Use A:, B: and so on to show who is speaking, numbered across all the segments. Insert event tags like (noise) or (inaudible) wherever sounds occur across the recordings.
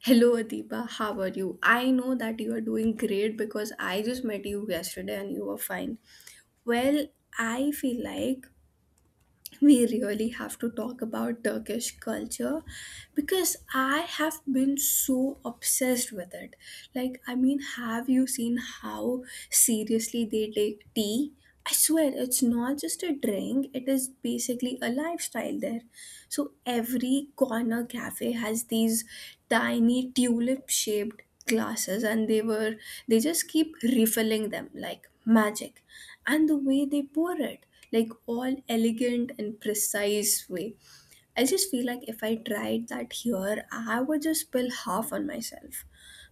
A: Hello Adiba, how are you? I know that you are doing great because I just met you yesterday and you were fine. Well, I feel like we really have to talk about Turkish culture because I have been so obsessed with it. Have you seen how seriously they take tea? I swear, it's not just a drink, it is basically a lifestyle there. So every corner cafe has these tiny tulip shaped glasses and they just keep refilling them like magic. And the way they pour it, like all elegant and precise way. I just feel like if I tried that here, I would just spill half on myself.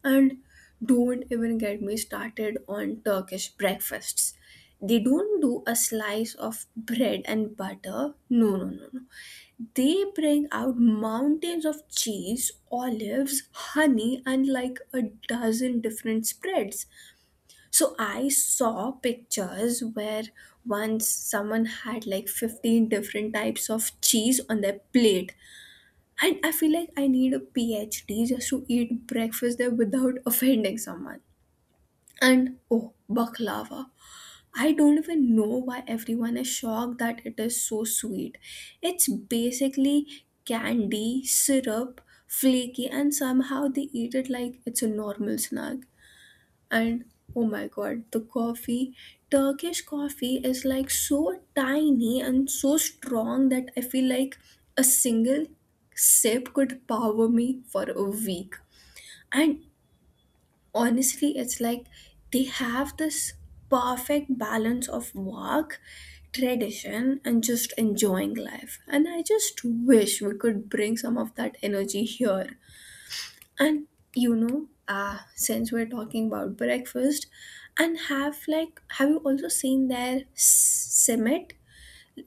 A: And don't even get me started on Turkish breakfasts. They don't do a slice of bread and butter. No, no, no, no, they bring out mountains of cheese, olives, honey, and like a dozen different spreads. So I saw pictures where once someone had like 15 different types of cheese on their plate. And I feel like I need a PhD just to eat breakfast there without (laughs) offending someone. And oh, baklava. I don't even know why everyone is shocked that it is so sweet. It's basically candy, syrup, flaky, and somehow they eat it like it's a normal snack. And oh my god, the coffee. Turkish coffee is like so tiny and so strong that I feel like a single sip could power me for a week. And honestly it's like they have this perfect balance of work, tradition, and just enjoying life, and I just wish we could bring some of that energy here. And you know since we're talking about breakfast, and have you also seen their simit?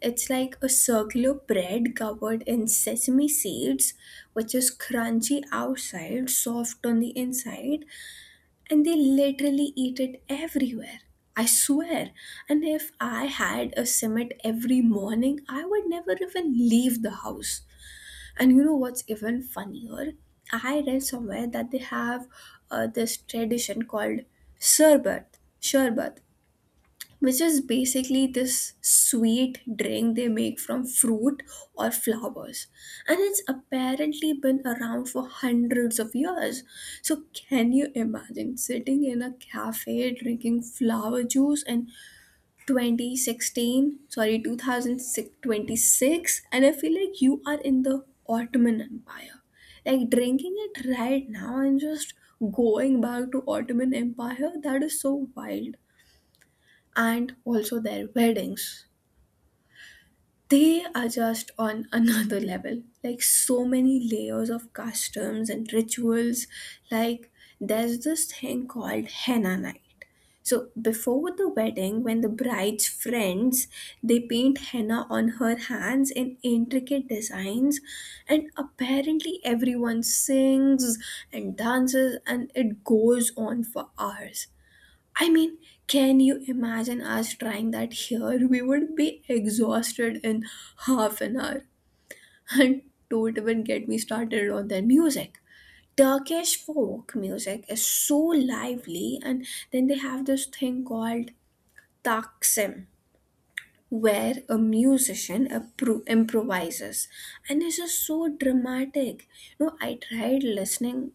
A: It's like a circular bread covered in sesame seeds, which is crunchy outside, soft on the inside, and they literally eat it everywhere. I swear. And if I had a summit every morning, I would never even leave the house. And you know what's even funnier? I read somewhere that they have this tradition called sherbet. Sherbet, which is basically this sweet drink they make from fruit or flowers, and it's apparently been around for hundreds of years. So can you imagine sitting in a cafe drinking flower juice in 2016 sorry 2026, and I feel like you are in the Ottoman Empire, like drinking it right now? And just going back to Ottoman Empire, that is so wild. And also their weddings, they are just on another (laughs) level, like so many layers of customs and rituals. Like there's this thing called henna night, so before the wedding, when the bride's friends, they paint henna on her hands in intricate designs, and apparently everyone sings and dances and it goes on for hours. I mean, can you imagine us trying that here? We would be exhausted in half an hour. (laughs) And don't even get me started on their music. Turkish folk music is so lively, and then they have this thing called taksim, where a musician improvises, and it's just so dramatic. You know, I tried listening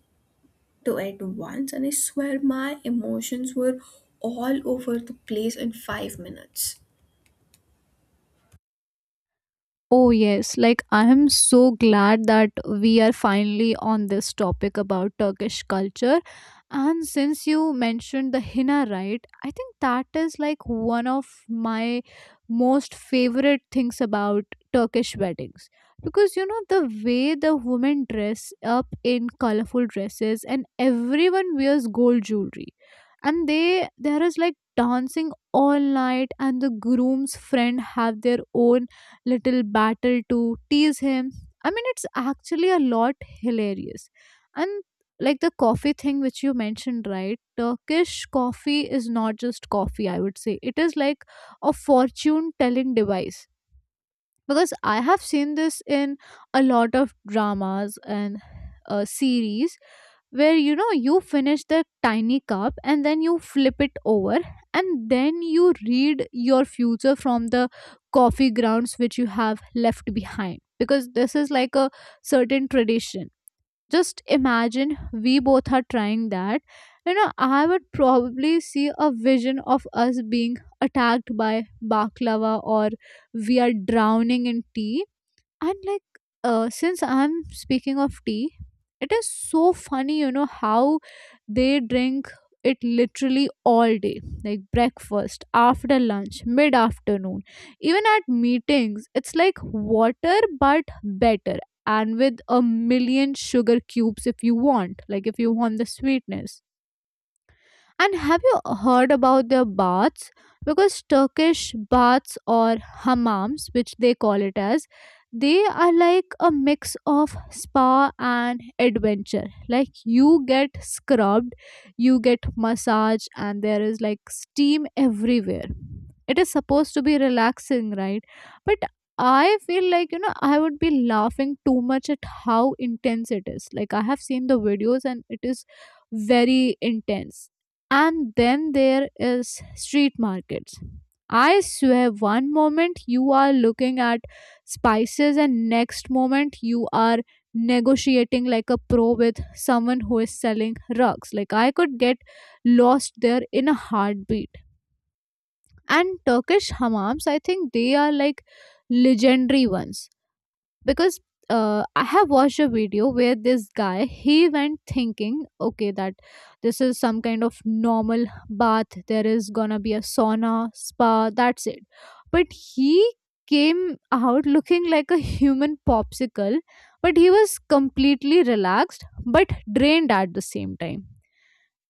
A: to at once, and I swear my emotions were all over the place in 5 minutes.
B: Oh, yes. Like, I am so glad that we are finally on this topic about Turkish culture. And since you mentioned the henna, right, I think that is like one of my most favorite things about Turkish weddings. Because, you know, the way the women dress up in colorful dresses and everyone wears gold jewelry. And there is like dancing all night and the groom's friend have their own little battle to tease him. I mean, it's actually a lot hilarious. And like the coffee thing which you mentioned, right? Turkish coffee is not just coffee, I would say. It is like a fortune telling device because I have seen this in a lot of dramas and series where you know you finish the tiny cup and then you flip it over and then you read your future from the coffee grounds which you have left behind, because this is like a certain tradition. Just imagine we both are trying that, you know. I would probably see a vision of us being attacked by baklava, or we are drowning in tea. And like since I'm speaking of tea, it is so funny you know how they drink it literally all day, like breakfast, after lunch, mid afternoon, even at meetings. It's like water but better, and with a million sugar cubes if you want, like if you want the sweetness. And have you heard about their baths? Because Turkish baths, or hammams, which they call it as, they are like a mix of spa and adventure. Like you get scrubbed, you get massage, and there is like steam everywhere. It is supposed to be relaxing, right? But I feel like you know I would be laughing too much at how intense it is. Like I have seen the videos and it is very intense. And then there is street markets. I swear one moment you are looking at spices and next moment you are negotiating like a pro with someone who is selling rugs. Like I could get lost there in a heartbeat. And Turkish hammams, I think they are like legendary ones, because I have watched a video where this guy he went thinking, okay, that this is some kind of normal bath. There is gonna be a sauna, spa. That's it. But he came out looking like a human popsicle, but he was completely relaxed but drained at the same time.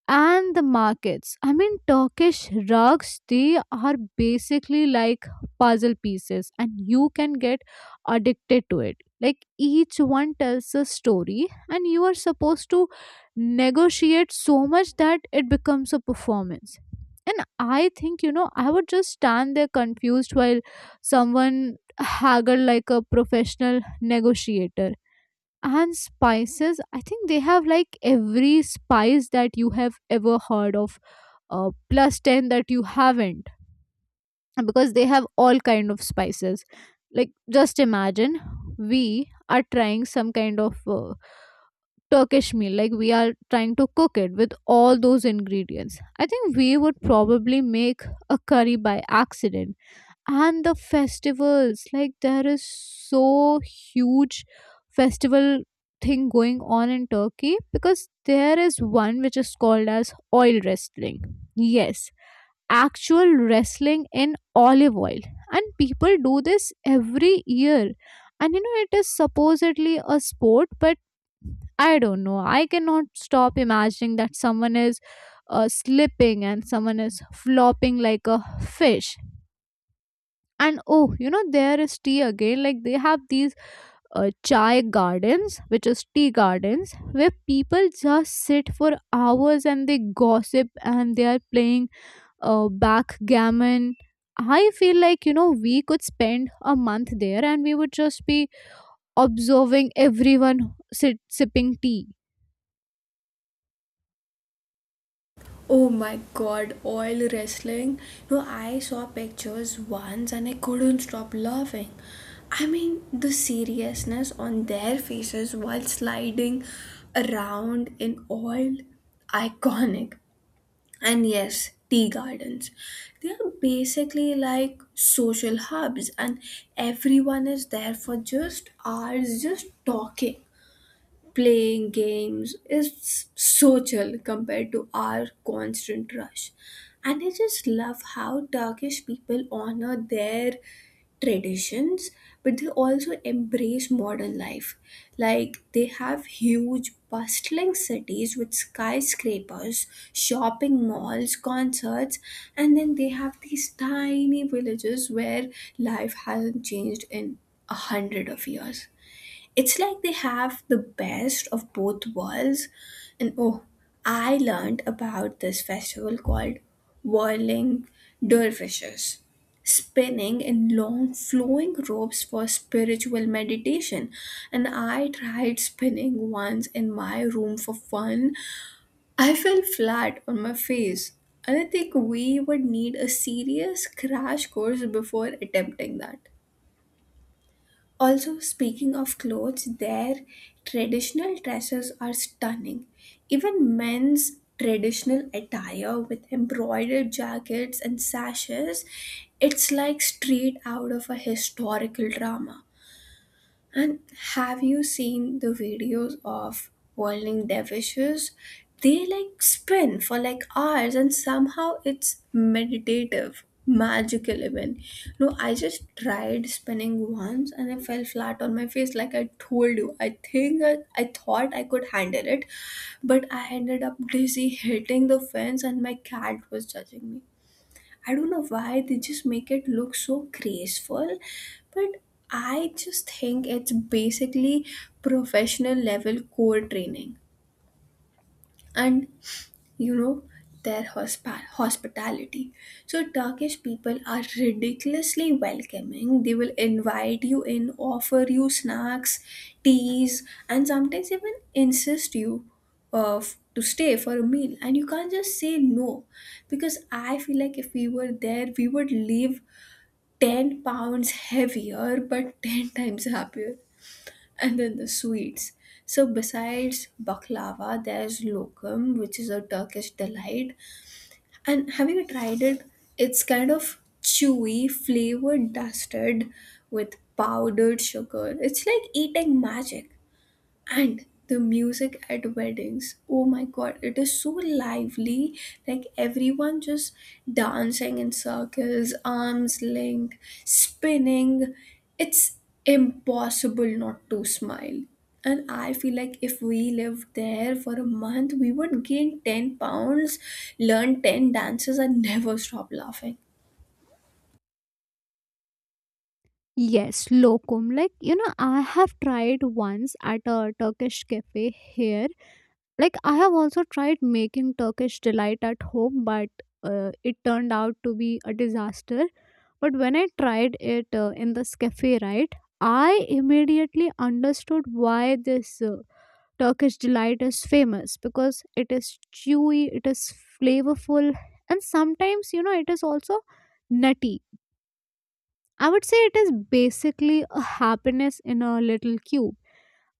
B: And the markets. I mean, Turkish rugs, they are basically like puzzle pieces, and you can get addicted to it. Like, each one tells a story, and you are supposed to negotiate so much that it becomes a performance. And I think, you know, I would just stand there confused while someone haggled like a professional negotiator. And spices, I think they have like every spice that you have ever heard of, plus 10 that you haven't, because they have all kind of spices. Like just imagine we are trying some kind of Turkish meal, like we are trying to cook it with all those ingredients. I think we would probably make a curry by accident. And the festivals, like there is so huge festival thing going on in Turkey, because there is one which is called as oil wrestling. Yes, actual wrestling in olive oil, and people do this every year. And you know it is supposedly a sport, but I don't know, I cannot stop imagining that someone is slipping and someone is flopping like a fish. And oh, you know there is tea again. Like they have these chai gardens, which is tea gardens, where people just sit for hours and they gossip and they are playing backgammon. I feel like, you know, we could spend a month there and we would just be observing everyone, sit sipping tea.
A: Oh my god, oil wrestling. No, I saw pictures once and I couldn't stop laughing. I mean, the seriousness on their faces while sliding around in oil, iconic. And yes, tea gardens. They are basically like social hubs, and everyone is there for just hours, just talking, playing games. It's so chill compared to our constant rush. And I just love how Turkish people honor their traditions, but they also embrace modern life. Like they have huge bustling cities with skyscrapers, shopping malls, concerts, and then they have these tiny villages where life hasn't changed in a hundred of years. It's like they have the best of both worlds. And oh, I learned about this festival called Whirling Dervishes, spinning in long flowing ropes for spiritual meditation. And I tried spinning once in my room for fun. I fell flat on my face. And I think we would need a serious crash course before attempting that. Also, speaking of clothes, their traditional dresses are stunning. Even men's traditional attire with embroidered jackets and sashes, it's like straight out of a historical drama. And have you seen the videos of whirling dervishes? They like spin for like hours and somehow it's meditative, magical even. No, I just tried spinning once and I fell flat on my face like I told you. I think I thought I could handle it, but I ended up dizzy hitting the fence and my cat was judging me. I don't know why they just make it look so graceful, but I just think it's basically professional level core training. And you know, their hospitality. So Turkish people are ridiculously welcoming. They will invite you in, offer you snacks, teas, and sometimes even insist you uh, to stay for a meal, and you can't just say no, because I feel like if we were there we would leave 10 pounds heavier but 10 times happier. And then the sweets. So, besides baklava, there's lokum, which is a Turkish delight. And have you tried it? It's kind of chewy, flavored, dusted with powdered sugar. It's like eating magic. And the music at weddings, oh my god, it is so lively. Like everyone just dancing in circles, arms linked, spinning. It's impossible not to smile. And I feel like if we lived there for a month, we would gain 10 pounds, learn 10 dances, and never stop laughing.
B: Yes, lokum. Like, you know, I have tried once at a Turkish cafe here. Like I have also tried making Turkish delight at home, but it turned out to be a disaster. But when I tried it in this cafe, right, I immediately understood why this Turkish delight is famous, because it is chewy, it is flavorful, and sometimes you know it is also nutty. I would say it is basically a happiness in a little cube.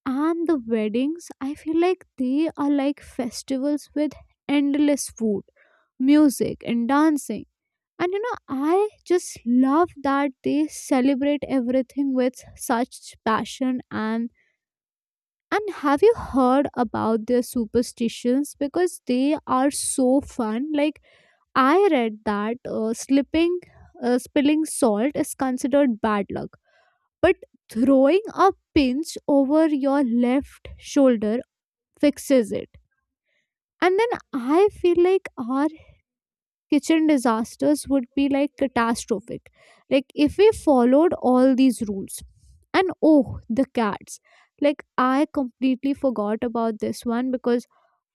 B: And the weddings, I feel like they are like festivals with endless food, music and dancing. And, you know, I just love that they celebrate everything with such passion. And have you heard about their superstitions? Because they are so fun. Like, I read that slipping spilling salt is considered bad luck, but throwing a pinch over your left shoulder fixes it. And then I feel like our kitchen disasters would be like catastrophic. Like if we followed all these rules. And oh, the cats. Like I completely forgot about this one, because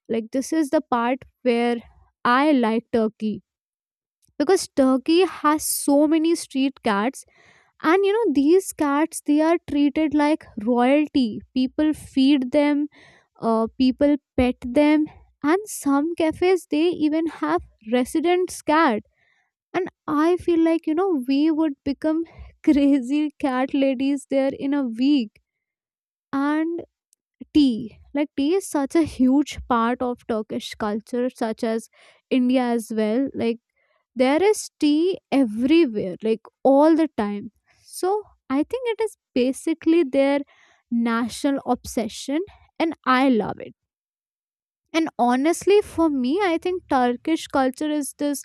B: like this is the part where I like Turkey. Because Turkey has so many street cats, and you know these cats, they are treated like royalty. People feed them, people pet them, and some cafes they even have residents cat. And I feel like, you know, we would become (laughs) crazy cat ladies there in a week. And tea, like tea is such a huge part of Turkish culture, such as India as well. Like there is tea everywhere, like all the time. So I think it is basically their national obsession, and I love it. And honestly, for me, I think Turkish culture is this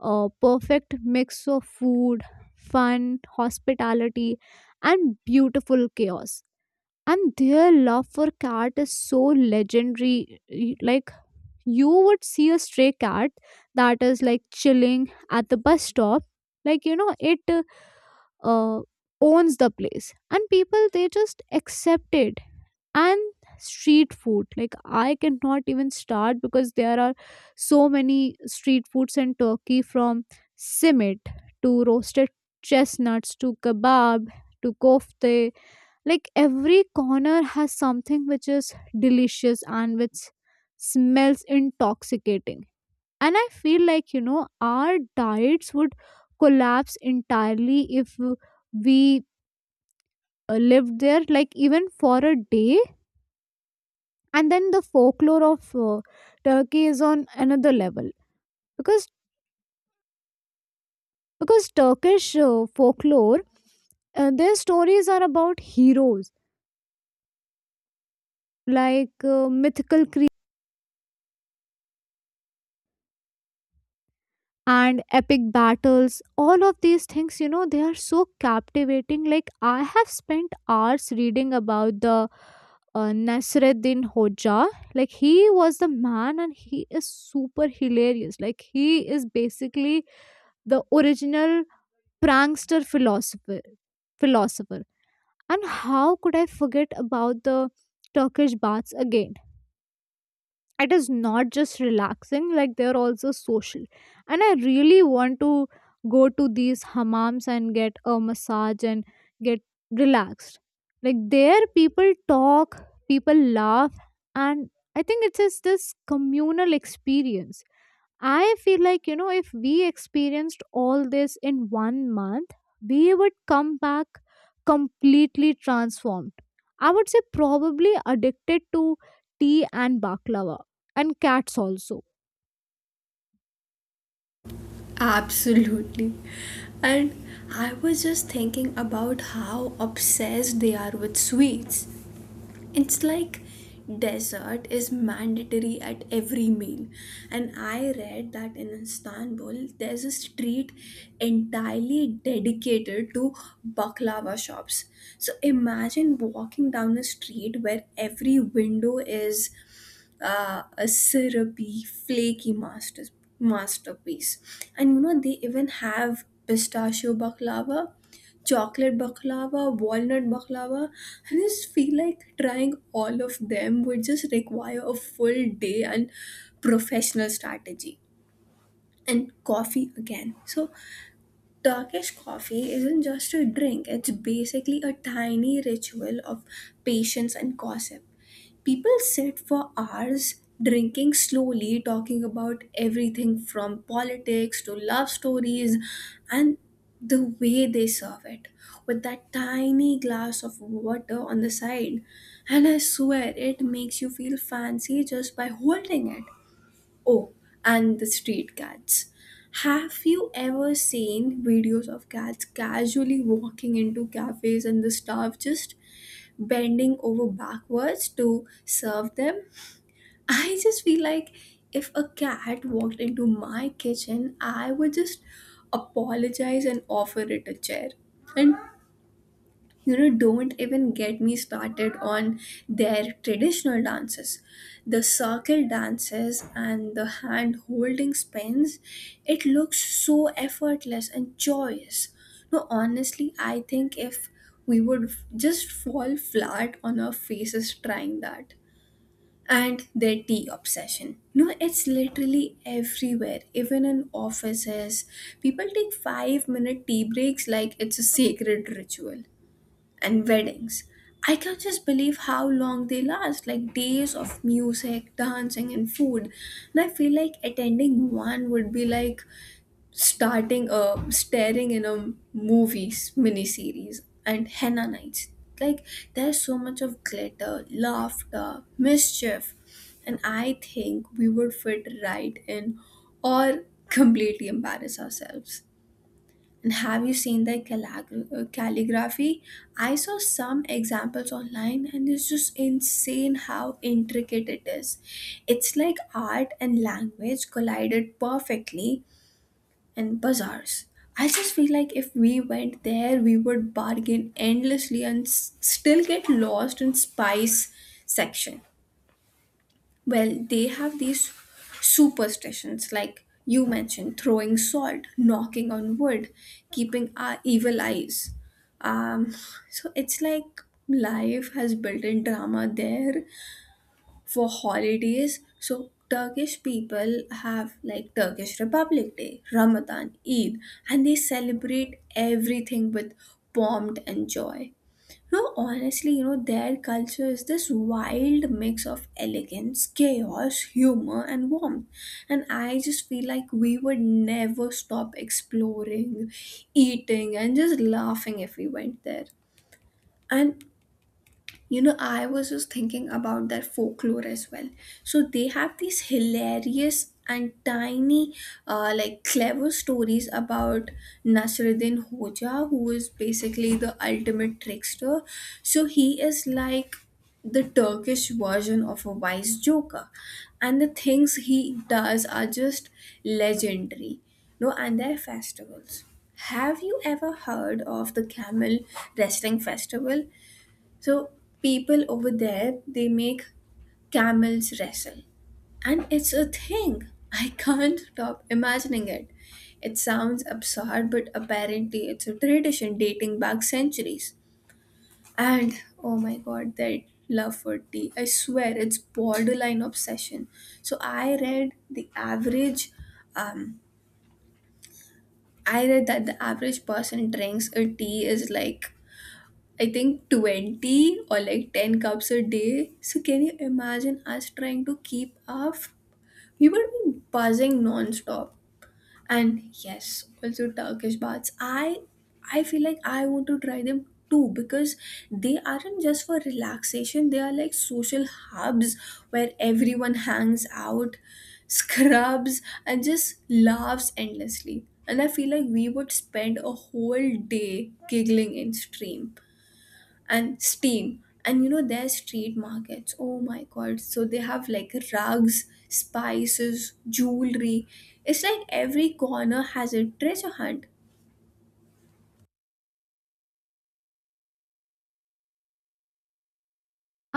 B: perfect mix of food, fun, hospitality, and beautiful chaos. And their love for cat is so legendary. Like, you would see a stray cat that is like chilling at the bus stop. Like, you know, it uh, owns the place and people they just accept it. And street food, like I cannot even start, because there are so many street foods in Turkey, from simit to roasted chestnuts to kebab to kofte. Like every corner has something which is delicious and which smells intoxicating. And I feel like, you know, our diets would collapse entirely if we lived there, like even for a day. And then the folklore of Turkey is on another level, because Turkish folklore, their stories are about heroes, like mythical creatures and epic battles. All of these things, you know, they are so captivating. Like I have spent hours reading about the Nasreddin Hoja. Like he was the man and he is super hilarious. Like he is basically the original prankster philosopher. And how could I forget about the Turkish baths again? It is not just relaxing, like they're also social. And I really want to go to these hammams and get a massage and get relaxed. Like there people talk, people laugh, and I think it's just this communal experience. I feel like, you know, if we experienced all this in one month, we would come back completely transformed. I would say probably addicted to tea and baklava and cats also.
A: Absolutely. And I was just thinking about how obsessed they are with sweets. It's like dessert is mandatory at every meal. And I read that in Istanbul, there's a street entirely dedicated to baklava shops. So imagine walking down a street where every window is a syrupy, flaky masterpiece. And you know, they even have pistachio baklava, chocolate baklava, walnut baklava. I just feel like trying all of them would just require a full day and professional strategy. And coffee again. So, Turkish coffee isn't just a drink, it's basically a tiny ritual of patience and gossip. People sit for hours drinking slowly, talking about everything from politics to love stories, and the way they serve it with that tiny glass of water on the side. And I swear it makes you feel fancy just by holding it. Oh, and the street cats. Have you ever seen videos of cats casually walking into cafes and the staff just bending over backwards to serve them? I just feel like if a cat walked into my kitchen, I would just apologize and offer it a chair. And you know, don't even get me started on their traditional dances, the circle dances and the hand holding spins. It looks so effortless and joyous. No, honestly, I think if we would just fall flat on our faces trying that. And their tea obsession. No, it's literally everywhere, even in offices. People take 5 minute tea breaks like it's a sacred ritual. And weddings. I can't just believe how long they last, like days of music, dancing, and food. And I feel like attending one would be like starting a staring in a movies miniseries. And henna nights. Like there's so much of glitter, laughter, mischief, and I think we would fit right in or completely embarrass ourselves. And have you seen their calligraphy? I saw some examples online and it's just insane how intricate it is. It's like art and language collided perfectly in bazaars. I just feel like if we went there, we would bargain endlessly and still get lost in spice section. Well, they have these superstitions, like you mentioned, throwing salt, knocking on wood, keeping our evil eyes. Um, so it's like life has built in drama there for holidays. So Turkish people have like Turkish Republic Day, Ramadan, Eid, and they celebrate everything with pomp and joy. No, honestly, you know, their culture is this wild mix of elegance, chaos, humor, and warmth. And I just feel like we would never stop exploring, eating, and just laughing if we went there. And you know, I was just thinking about their folklore as well. So they have these hilarious and tiny, like clever stories about Nasruddin Hoja, who is basically the ultimate trickster. So he is like the Turkish version of a wise joker, and the things he does are just legendary. No, and their festivals. Have you ever heard of the Camel Wrestling Festival? So people over there, they make camels wrestle, and it's a thing. I can't stop imagining it. It sounds absurd, but apparently it's a tradition dating back centuries. And oh my god, that love for tea. I swear it's borderline obsession. So I read the average um I read that the average person drinks a tea is like I think 20 or like 10 cups a day. So can you imagine us trying to keep up? We would be buzzing non-stop. And yes, also Turkish baths. I feel like I want to try them too because they aren't just for relaxation, they are like social hubs where everyone hangs out, scrubs, and just laughs endlessly. And I feel like we would spend a whole day giggling in stream and steam. And you know their street markets, oh my god, so they have like rugs, spices, jewelry. It's like every corner has a treasure hunt.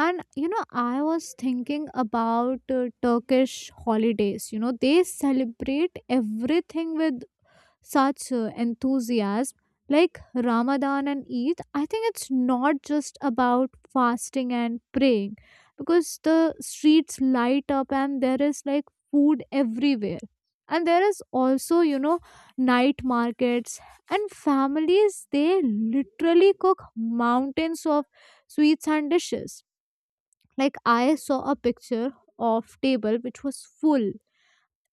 B: And you know, I was thinking about Turkish holidays. You know, they celebrate everything with such enthusiasm, like Ramadan and Eid. I think it's not just about fasting and praying, because the streets light up and there is like food everywhere. And there is also, you know, night markets, and families, they literally cook mountains of sweets and dishes. Like I saw a picture of table which was full,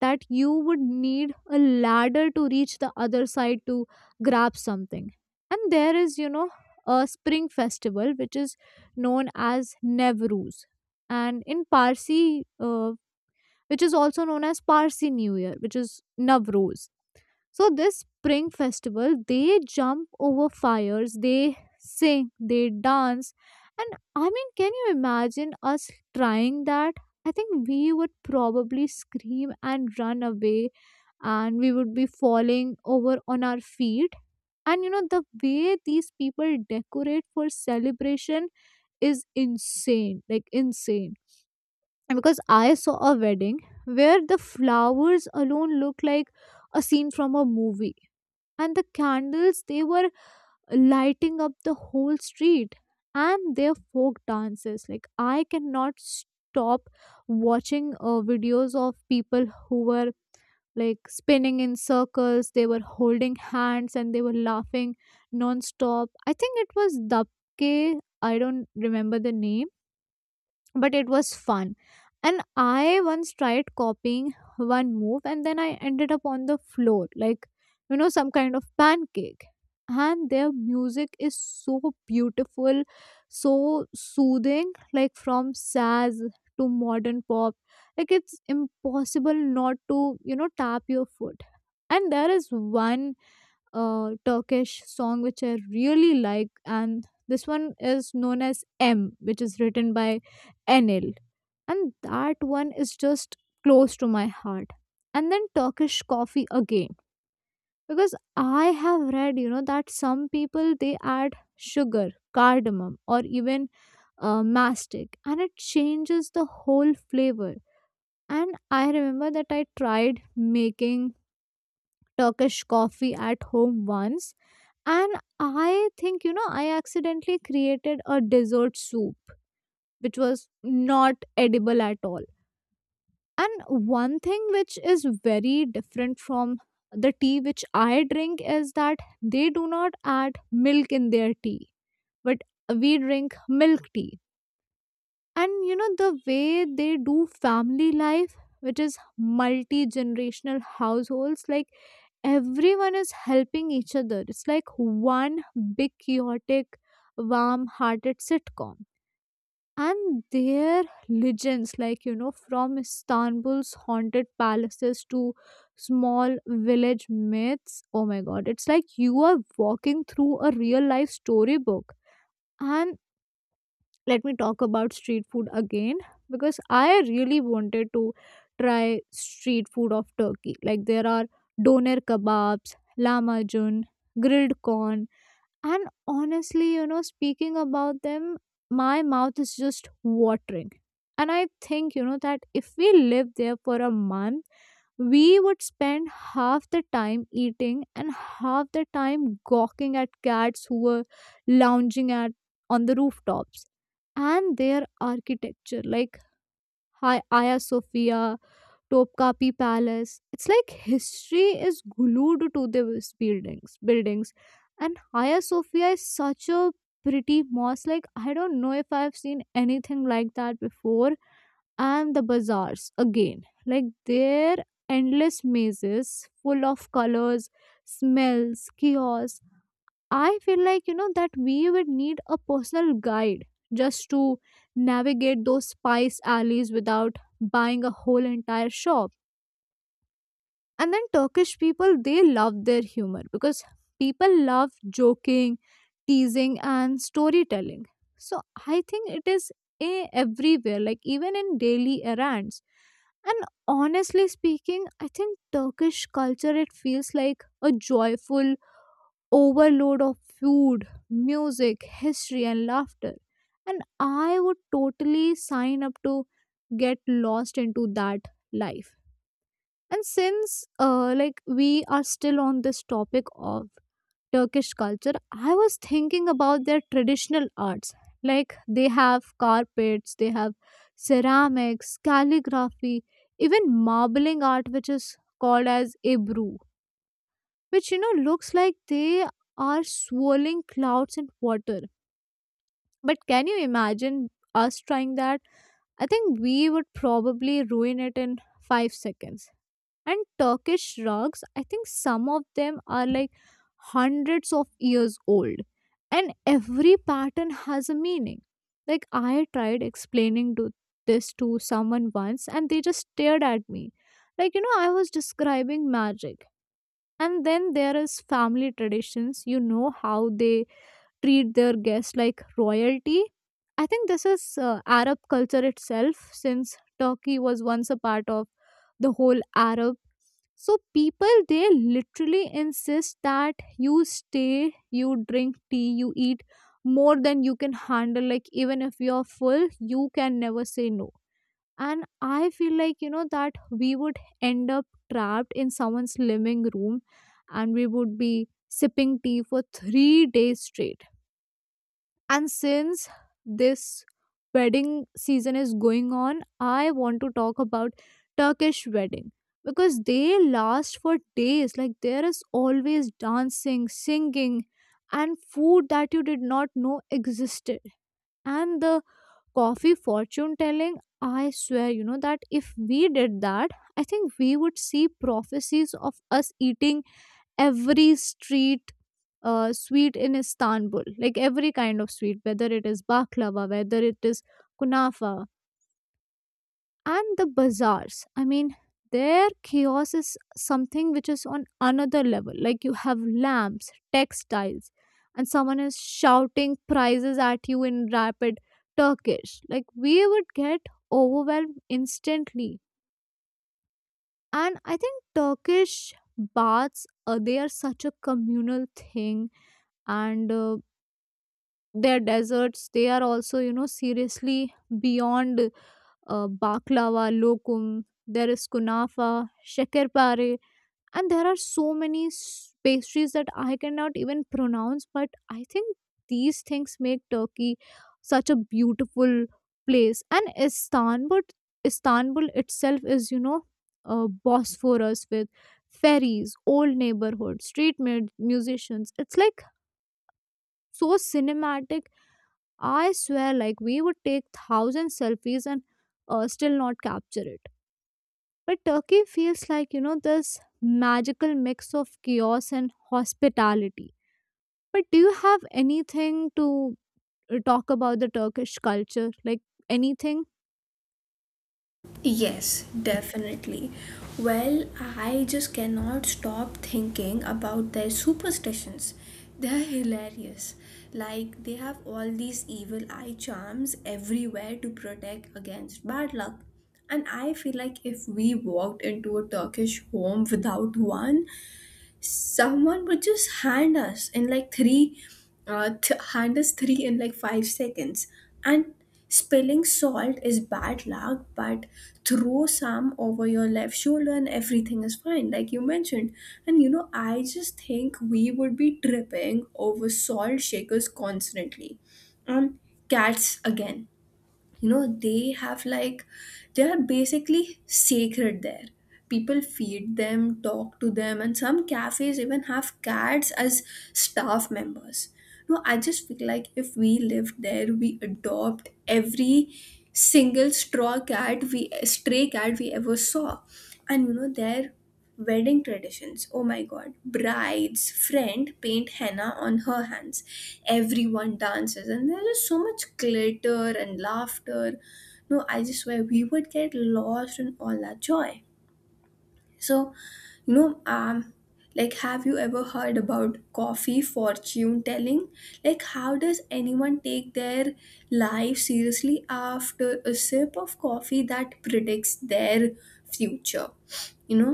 B: that you would need a ladder to reach the other side to grab something. And there is, you know, a spring festival which is known as Nevruz, and in Parsi, which is also known as Parsi New Year, which is Navruz. So this spring festival, they jump over fires, they sing, they dance, and I mean, can you imagine us trying that? I think we would probably scream and run away, and we would be falling over on our feet. And you know the way these people decorate for celebration is insane, like insane. And because I saw a wedding where the flowers alone look like a scene from a movie, and the candles they were lighting up the whole street. And their folk dances, like I cannot stop watching videos of people who were like spinning in circles. They were holding hands and they were laughing non-stop. I think it was Dabke. I don't remember the name, but it was fun. And I once tried copying one move and then I ended up on the floor, like, you know, some kind of pancake. And their music is so beautiful, so soothing, like from Saz to modern pop. Like, it's impossible not to, you know, tap your foot. And there is one Turkish song which I really like, and this one is known as M, which is written by Enil, and that one is just close to my heart. And then Turkish coffee again, because I have read, that some people they add sugar, cardamom, or even mastic, and it changes the whole flavor. And I remember that I tried making Turkish coffee at home once and I think, I accidentally created a dessert soup, which was not edible at all. And one thing which is very different from the tea which I drink is that they do not add milk in their tea, but we drink milk tea. And the way they do family life, which is multi generational households, like everyone is helping each other. It's like one big chaotic warm hearted sitcom. And their legends, like from Istanbul's haunted palaces to small village myths. Oh my god, it's like you are walking through a real life storybook. And let me talk about street food again, because I really wanted to try street food of Turkey. Like there are doner kebabs, lahmacun, grilled corn, and honestly, speaking about them, my mouth is just watering. And I think, that if we live there for a month, we would spend half the time eating and half the time gawking at cats who were lounging at on the rooftops. And their architecture, like Hagia Sophia, Topkapi Palace. It's like history is glued to these buildings. Buildings, and Hagia Sophia is such a pretty mosque. Like I don't know if I've seen anything like that before. And the bazaars again, like their endless mazes full of colors, smells, kiosks. I feel like that we would need a personal guide just to navigate those spice alleys without buying a whole entire shop. And then Turkish people, they love their humor, because people love joking, teasing and storytelling. So I think it is everywhere, like even in daily errands. And honestly speaking, I think Turkish culture, it feels like a joyful overload of food, music, history and laughter. And I would totally sign up to get lost into that life. And since like we are still on this topic of Turkish culture, I was thinking about their traditional arts. Like they have carpets, they have ceramics, calligraphy, even marbling art which is called as ebru, which looks like they are swirling clouds in water. But can you imagine us trying that? I think we would probably ruin it in 5 seconds. And Turkish rugs, I think some of them are like hundreds of years old, and every pattern has a meaning. Like, I tried explaining to this to someone once, and they just stared at me. Like, I was describing magic. And then there is family traditions, how they treat their guests like royalty. I think this is Arab culture itself, since Turkey was once a part of the whole Arab. So people, they literally insist that you stay, you drink tea, you eat more than you can handle. Like even if you're full, you can never say no. And I feel like that we would end up trapped in someone's living room, and we would be sipping tea for 3 days straight. And since this wedding season is going on, I want to talk about Turkish wedding, because they last for days. Like there is always dancing, singing, and food that you did not know existed. And the coffee fortune telling, I swear, that if we did that, I think we would see prophecies of us eating every street sweet in Istanbul, like every kind of sweet, whether it is baklava, whether it is kunafa. And the bazaars. I mean, their chaos is something which is on another level. Like you have lamps, textiles, and someone is shouting prices at you in rapid Turkish. Like we would get overwhelmed instantly. And I think Turkish baths, they are such a communal thing. And their desserts, they are also seriously beyond baklava, lokum, there is kunafa, shakarpare, and there are so many pastries that I cannot even pronounce. But I think these things make Turkey such a beautiful place. And Istanbul, Istanbul itself is Bosphorus with ferries, old neighborhood street musicians. It's like so cinematic. I swear, like, we would take thousand selfies and still not capture it. But Turkey feels like, this magical mix of chaos and hospitality. But do you have anything to talk about the Turkish culture? Like, anything?
A: Yes, definitely. Well, I just cannot stop thinking about their superstitions. They're hilarious. Like, they have all these evil eye charms everywhere to protect against bad luck. And I feel like if we walked into a Turkish home without one, someone would just hand us three in like 5 seconds. And spilling salt is bad luck, but throw some over your left shoulder and everything is fine, like you mentioned. And you know, I just think we would be tripping over salt shakers constantly. um cats again, you know, they have like, they are basically sacred there. People feed them, talk to them, and some cafes even have cats as staff members. No, I just feel like if we lived there we adopt every single straw cat we stray cat we ever saw. And you know there. Wedding traditions, oh my god. Bride's friend paint henna on her hands. Everyone dances and there's so much glitter and laughter. No, I just swear we would get lost in all that joy. So, you know, um like, have you ever heard about coffee fortune telling? Like, how does anyone take their life seriously after a sip of coffee that predicts their future? You know,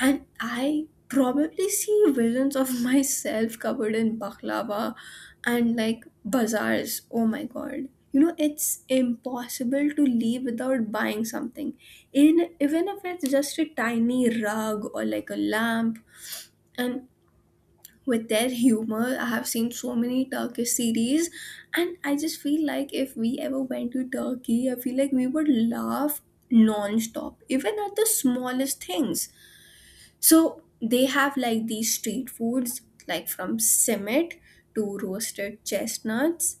A: and I probably see visions of (laughs) myself covered in baklava. And like bazaars, oh my god, you know, it's impossible to leave without buying something, in even if it's just a tiny rug or like a lamp. And with their humor, I have seen so many Turkish series, and I just feel like if we ever went to Turkey, I feel like we would laugh non-stop, even at the smallest things. So they have like these street foods, like from simit to roasted chestnuts,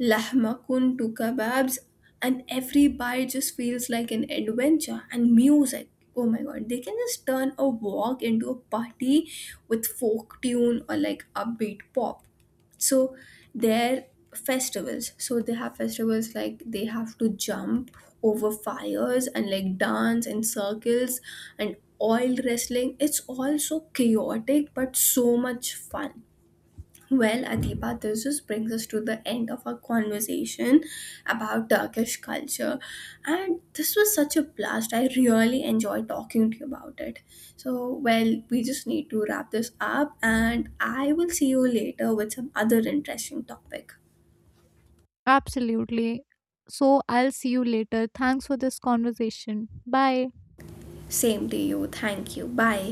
A: lahmakun to kebabs, and every bite just feels like an adventure. And music, oh my god, they can just turn a walk into a party with folk tune or like upbeat pop. So their festivals, so they have festivals like they have to jump over fires and like dance in circles, and oil wrestling. It's all so chaotic but so much fun. Well, Adiba, this just brings us to the end of our conversation about Turkish culture, and this was such a blast. I really enjoyed talking to you about it. So, well, we just need to wrap this up and I will see you later with some other interesting topic.
B: Absolutely. So I'll see you later. Thanks for this conversation. Bye.
A: Same to you, thank you, bye.